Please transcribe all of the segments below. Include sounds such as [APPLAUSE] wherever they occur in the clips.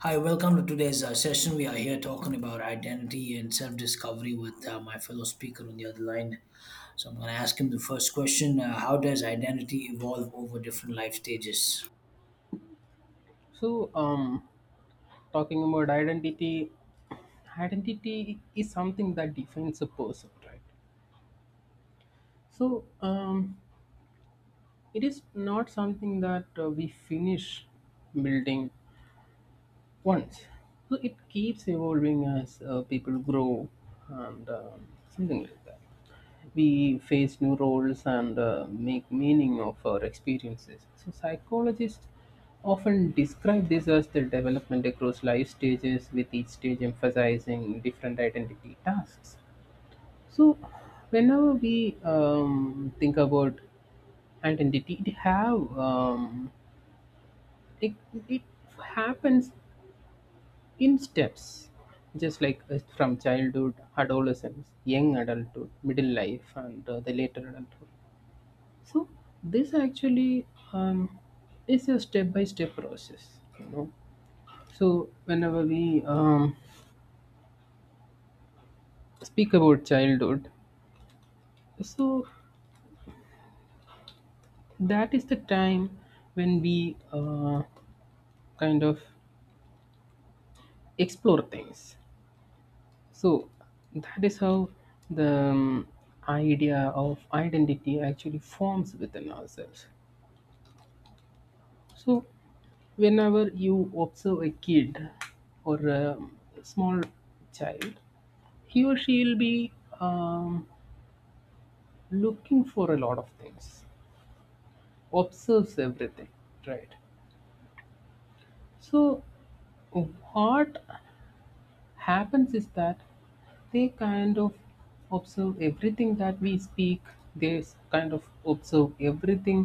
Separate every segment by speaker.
Speaker 1: Hi, welcome to today's session. We are here talking about identity and self discovery with my fellow speaker on the other line. So, I'm going to ask him the first question how does identity evolve over different life stages?
Speaker 2: So, um, talking about identity, identity is something that defines a person, right? So, um, it is not something that we finish building once. So it keeps evolving as people grow and something like that. We face new roles and make meaning of our experiences. So psychologists often describe this as the development across life stages, with each stage emphasizing different identity tasks. So whenever we think about identity, it have it, it happens in steps just like from childhood, adolescence, young adulthood, middle life, and the later adulthood. So this actually um, is a step by step process, you know. So whenever we speak about childhood, so that is the time when we kind of explore things. So that is how the idea of identity actually forms within ourselves. So whenever you observe a kid or a small child, he or she will be um, looking for a lot of things, observes everything, right? So, what happens is that they kind of observe everything that we speak, kind of observe everything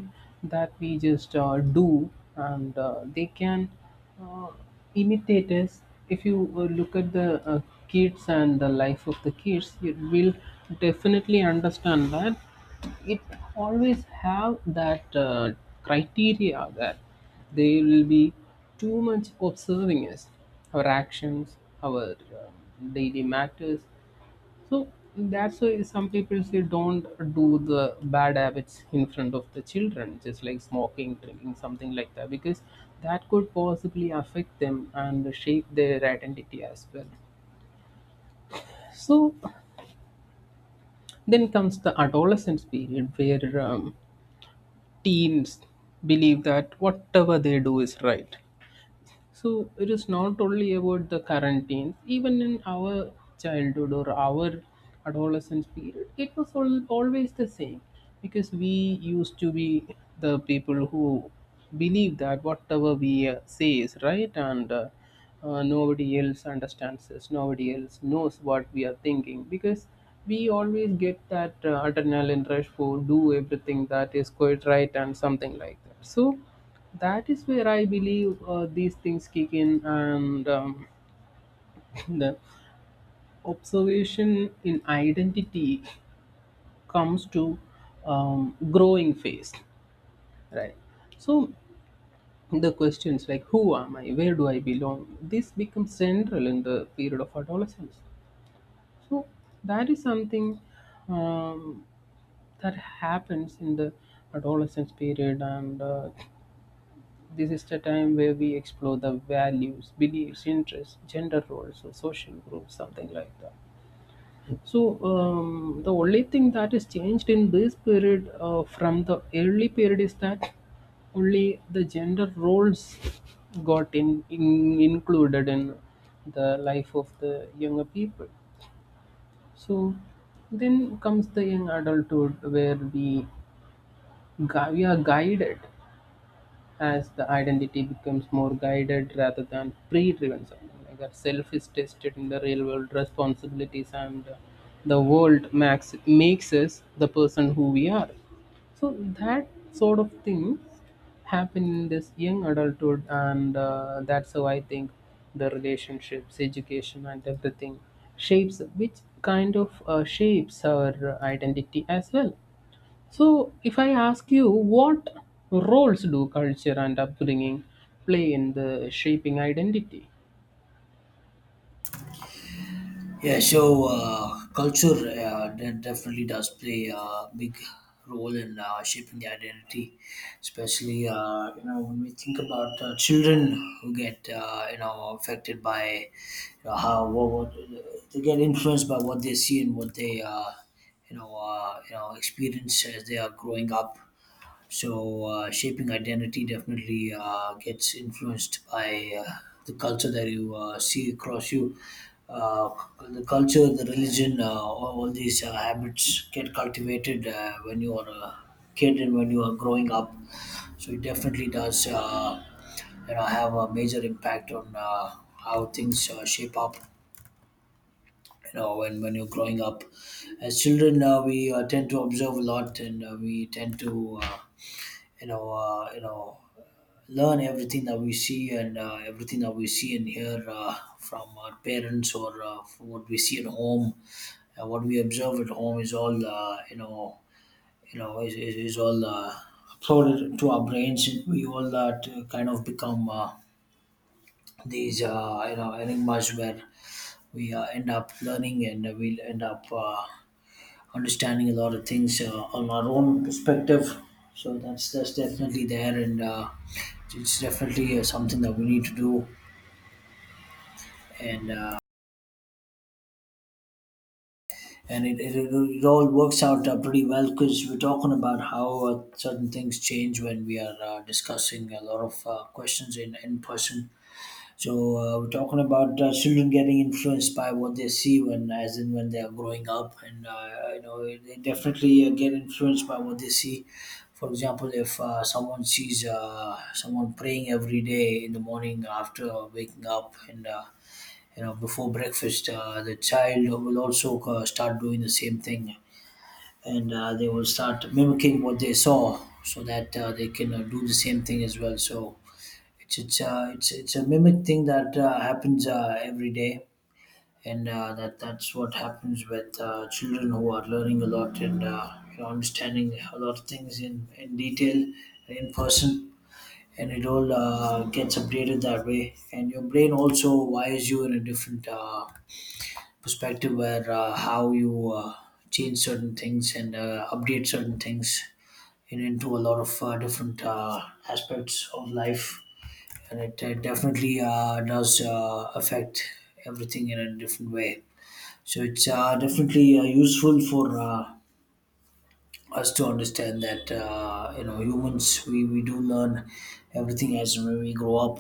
Speaker 2: that we just do, and uh, they can uh, imitate us. If you look at the kids and the life of the kids, you will definitely understand that it always have that criteria that they will be too much observing us, our actions, our um, daily matters. So that's why some people say don't do the bad habits in front of the children, just like smoking, drinking, something like that, because that could possibly affect them and shape their identity as well. So then comes the adolescence period where teens believe that whatever they do is right. So it is not only about the quarantines, even in our childhood or our adolescence period, it was all, always the same, because we used to be the people who believe that whatever we say is right, and nobody else understands us, nobody else knows what we are thinking, because we always get that adrenaline rush for do everything that is quite right and something like that. So that is where I believe these things kick in, and [LAUGHS] the observation in identity comes to growing phase, right? So the questions like who am I, where do I belong, this becomes central in the period of adolescence. So that is something um, that happens in the adolescence period, and this is the time where we explore the values, beliefs, interests, gender roles, or social groups, something like that. The only thing that is changed in this period from the early period is that only the gender roles got in, included in the life of the younger people. So, then comes the young adulthood where we are guided, as the identity becomes more guided rather than pre-driven, something like that. Self is tested in the real world responsibilities, and the world max makes us the person who we are. So that sort of things happen in this young adulthood, and that's how I think the relationships, education, and everything shapes, which kind of shapes our identity as well. So, if I ask you, what roles do culture and upbringing play in the shaping identity?
Speaker 1: Yeah, so culture definitely does play a big role in shaping the identity, especially you know when we think about children who get you know affected by you know, what they get influenced by what they see and what they you know experience as they are growing up. So shaping identity definitely gets influenced by the culture that you see across you. Uh, the culture, the religion, all these habits get cultivated when you are a kid and when you are growing up. So it definitely does, you know, have a major impact on how things shape up. You know, when you're growing up, as children, we tend to observe a lot, and we tend to, you know, uh, you know, learn everything that we see and everything that we see and hear from our parents or from what we see at home and what we observe at home is all is all uploaded to our brains and we all to kind of become these you know enigmas where we end up learning and we end up understanding a lot of things on our own perspective so that's definitely there and it's definitely something that we need to do and it all works out pretty well because we're talking about how certain things change when we are discussing a lot of questions in person. So we're talking about children getting influenced by what they see as in when they are growing up, and you know they definitely get influenced by what they see. For example, if someone sees someone praying every day in the morning after waking up and you know before breakfast the child will also start doing the same thing and they will start mimicking what they saw so that they can do the same thing as well so it's a mimic thing that happens every day and that that's what happens with children who are learning a lot and you know, understanding a lot of things in detail in person and it all gets updated that way and your brain also wires you in a different perspective where how you change certain things and update certain things into a lot of different aspects of life and it definitely does affect everything in a different way so it's definitely useful for us to understand that you know humans we do learn everything as we grow up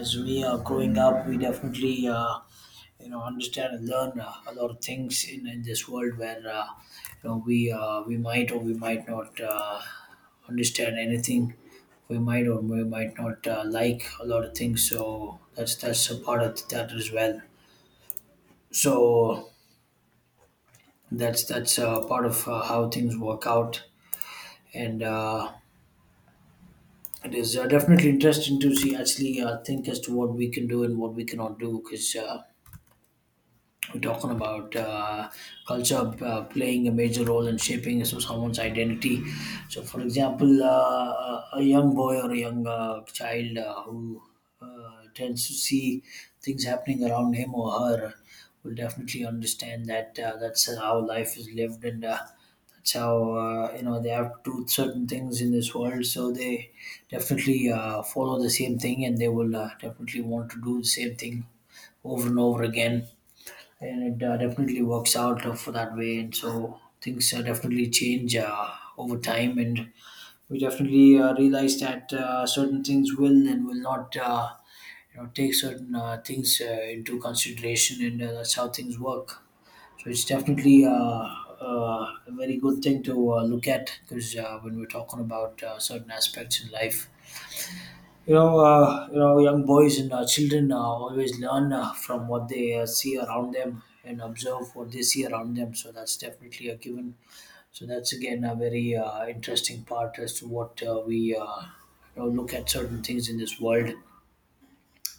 Speaker 1: as we are growing up we definitely you know understand and learn a lot of things in this world where you know we might or we might not understand anything we might or we might not like a lot of things so that's a part of that as well so that's part of how things work out and it is definitely interesting to see actually think as to what we can do and what we cannot do because we're talking about culture playing a major role in shaping so someone's identity. So, for example, a young boy or a young child who tends to see things happening around him or her will definitely understand that that's how life is lived and that's how you know they have to do certain things in this world. So they definitely follow the same thing and they will definitely want to do the same thing over and over again and it definitely works out for that way and so things definitely change over time and we definitely realize that certain things will and will not you know take certain things into consideration and that's how things work so it's definitely a very good thing to look at because when we're talking about certain aspects in life you know, young boys and children always learn from what they see around them and observe what they see around them. So that's definitely a given. So that's again a very interesting part as to what we you know, look at certain things in this world,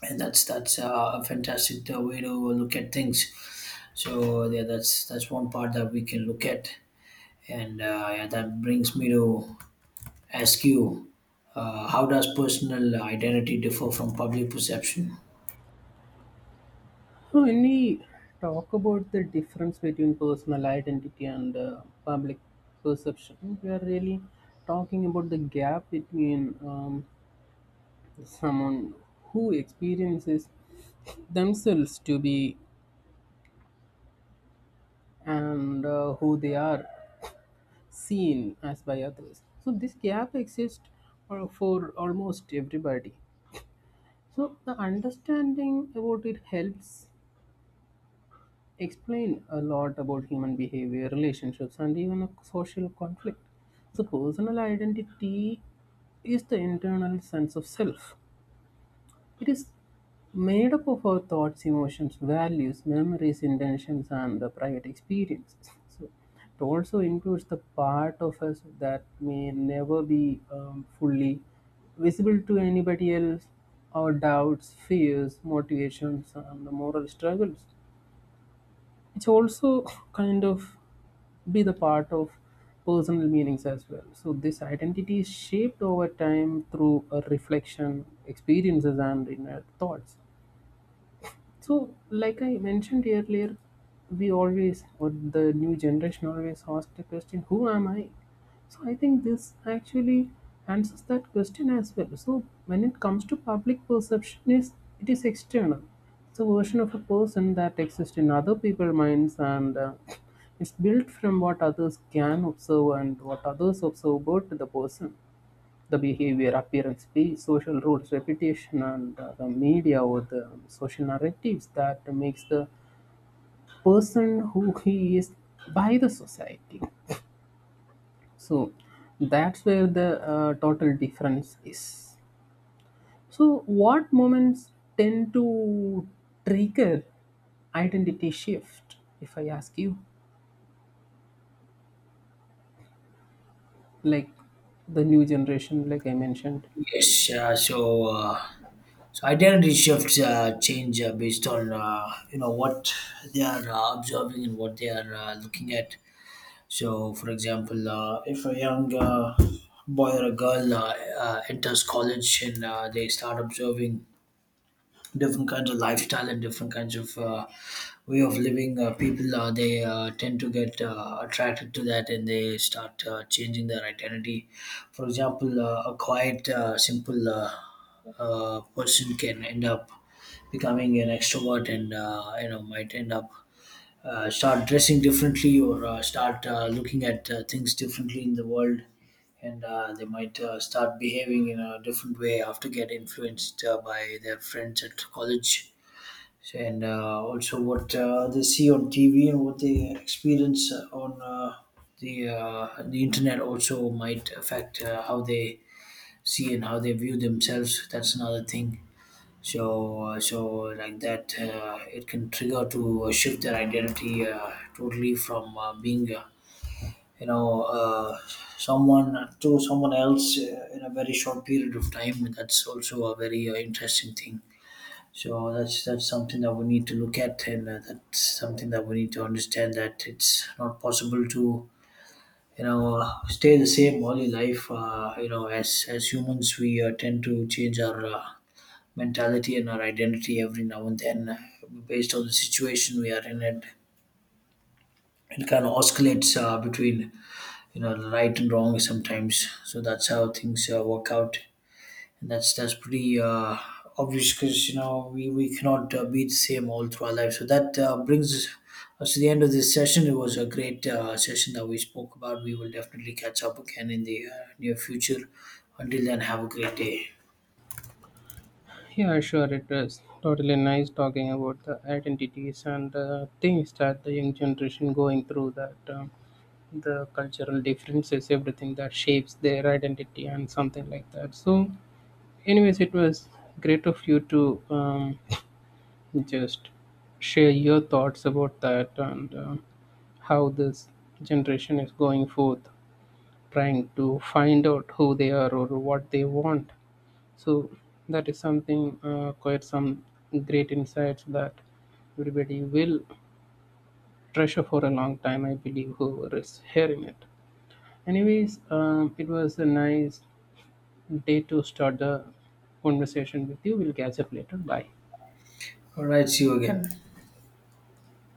Speaker 1: and that's a fantastic way to look at things. So yeah, that's one part that we can look at, and yeah, that brings me to Askew, how does personal identity differ from public perception?
Speaker 2: So, when we talk about the difference between personal identity and public perception, we are really talking about the gap between someone who experiences themselves to be and who they are seen as by others. So, this gap exists for almost everybody. So the understanding about it helps explain a lot about human behavior, relationships, and even a social conflict. So personal identity is the internal sense of self, it is made up of our thoughts, emotions, values, memories, intentions, and the private experiences. So it also includes the part of us that may never be fully visible to anybody else, our doubts, fears, motivations, and the moral struggles, which also [COUGHS] [LAUGHS] kind of be the part of personal meanings as well. So this identity is shaped over time through a reflection, experiences, and inner thoughts. So, like I mentioned earlier, we always, or the new generation always asks the question, who am I? So, I think this actually answers that question as well. So, when it comes to public perception, is it is external. It's a version of a person that exists in other people's minds, and it's built from what others can observe and what others observe about the person, the behavior, appearance, the social rules, reputation, and the media or the social narratives that makes the person who he is by the society. So that's where the total difference is. So what moments tend to trigger identity shift? If I ask you, like the new generation, like I mentioned,
Speaker 1: Yes, so identity shifts change based on you know what they are observing and what they are looking at. So, for example, if a young boy or a girl enters college and they start observing different kinds of lifestyle and different kinds of way of living. People they tend to get attracted to that, and they start changing their identity. For example, a quiet, simple person can end up becoming an extrovert, and you know might end up start dressing differently or start looking at things differently in the world and they might start behaving in a different way after get influenced by their friends at college. So, and also what they see on TV and what they experience on the internet also might affect how they see and how they view themselves, that's another thing. So, so like that, it can trigger to shift their identity totally from being, you know, uh, someone to someone else in a very short period of time. That's also a very interesting thing. So that's something that we need to look at, and that's something that we need to understand that it's not possible to you know stay the same all your life. You know, as humans, we tend to change our mentality and our identity every now and then based on the situation we are in it, it kind of oscillates between you know the right and wrong sometimes so that's how things work out and that's pretty obvious because you know we cannot be the same all through our life so that brings us to the end of this session. It was a great session that we spoke about. We will definitely catch up again in the near future. Until then have a great day.
Speaker 2: yeah, sure. It was totally nice talking about the identities and things that the young generation going through, that the cultural differences, everything that shapes their identity and something like that. So, anyways, it was great of you to [LAUGHS] just share your thoughts about that, and how this generation is going forth trying to find out who they are or what they want. So that is something quite some great insights that everybody will treasure for a long time. I believe whoever is hearing it. Anyways, it was a nice day to start the conversation with you. We'll catch up later. Bye.
Speaker 1: All right, see you again.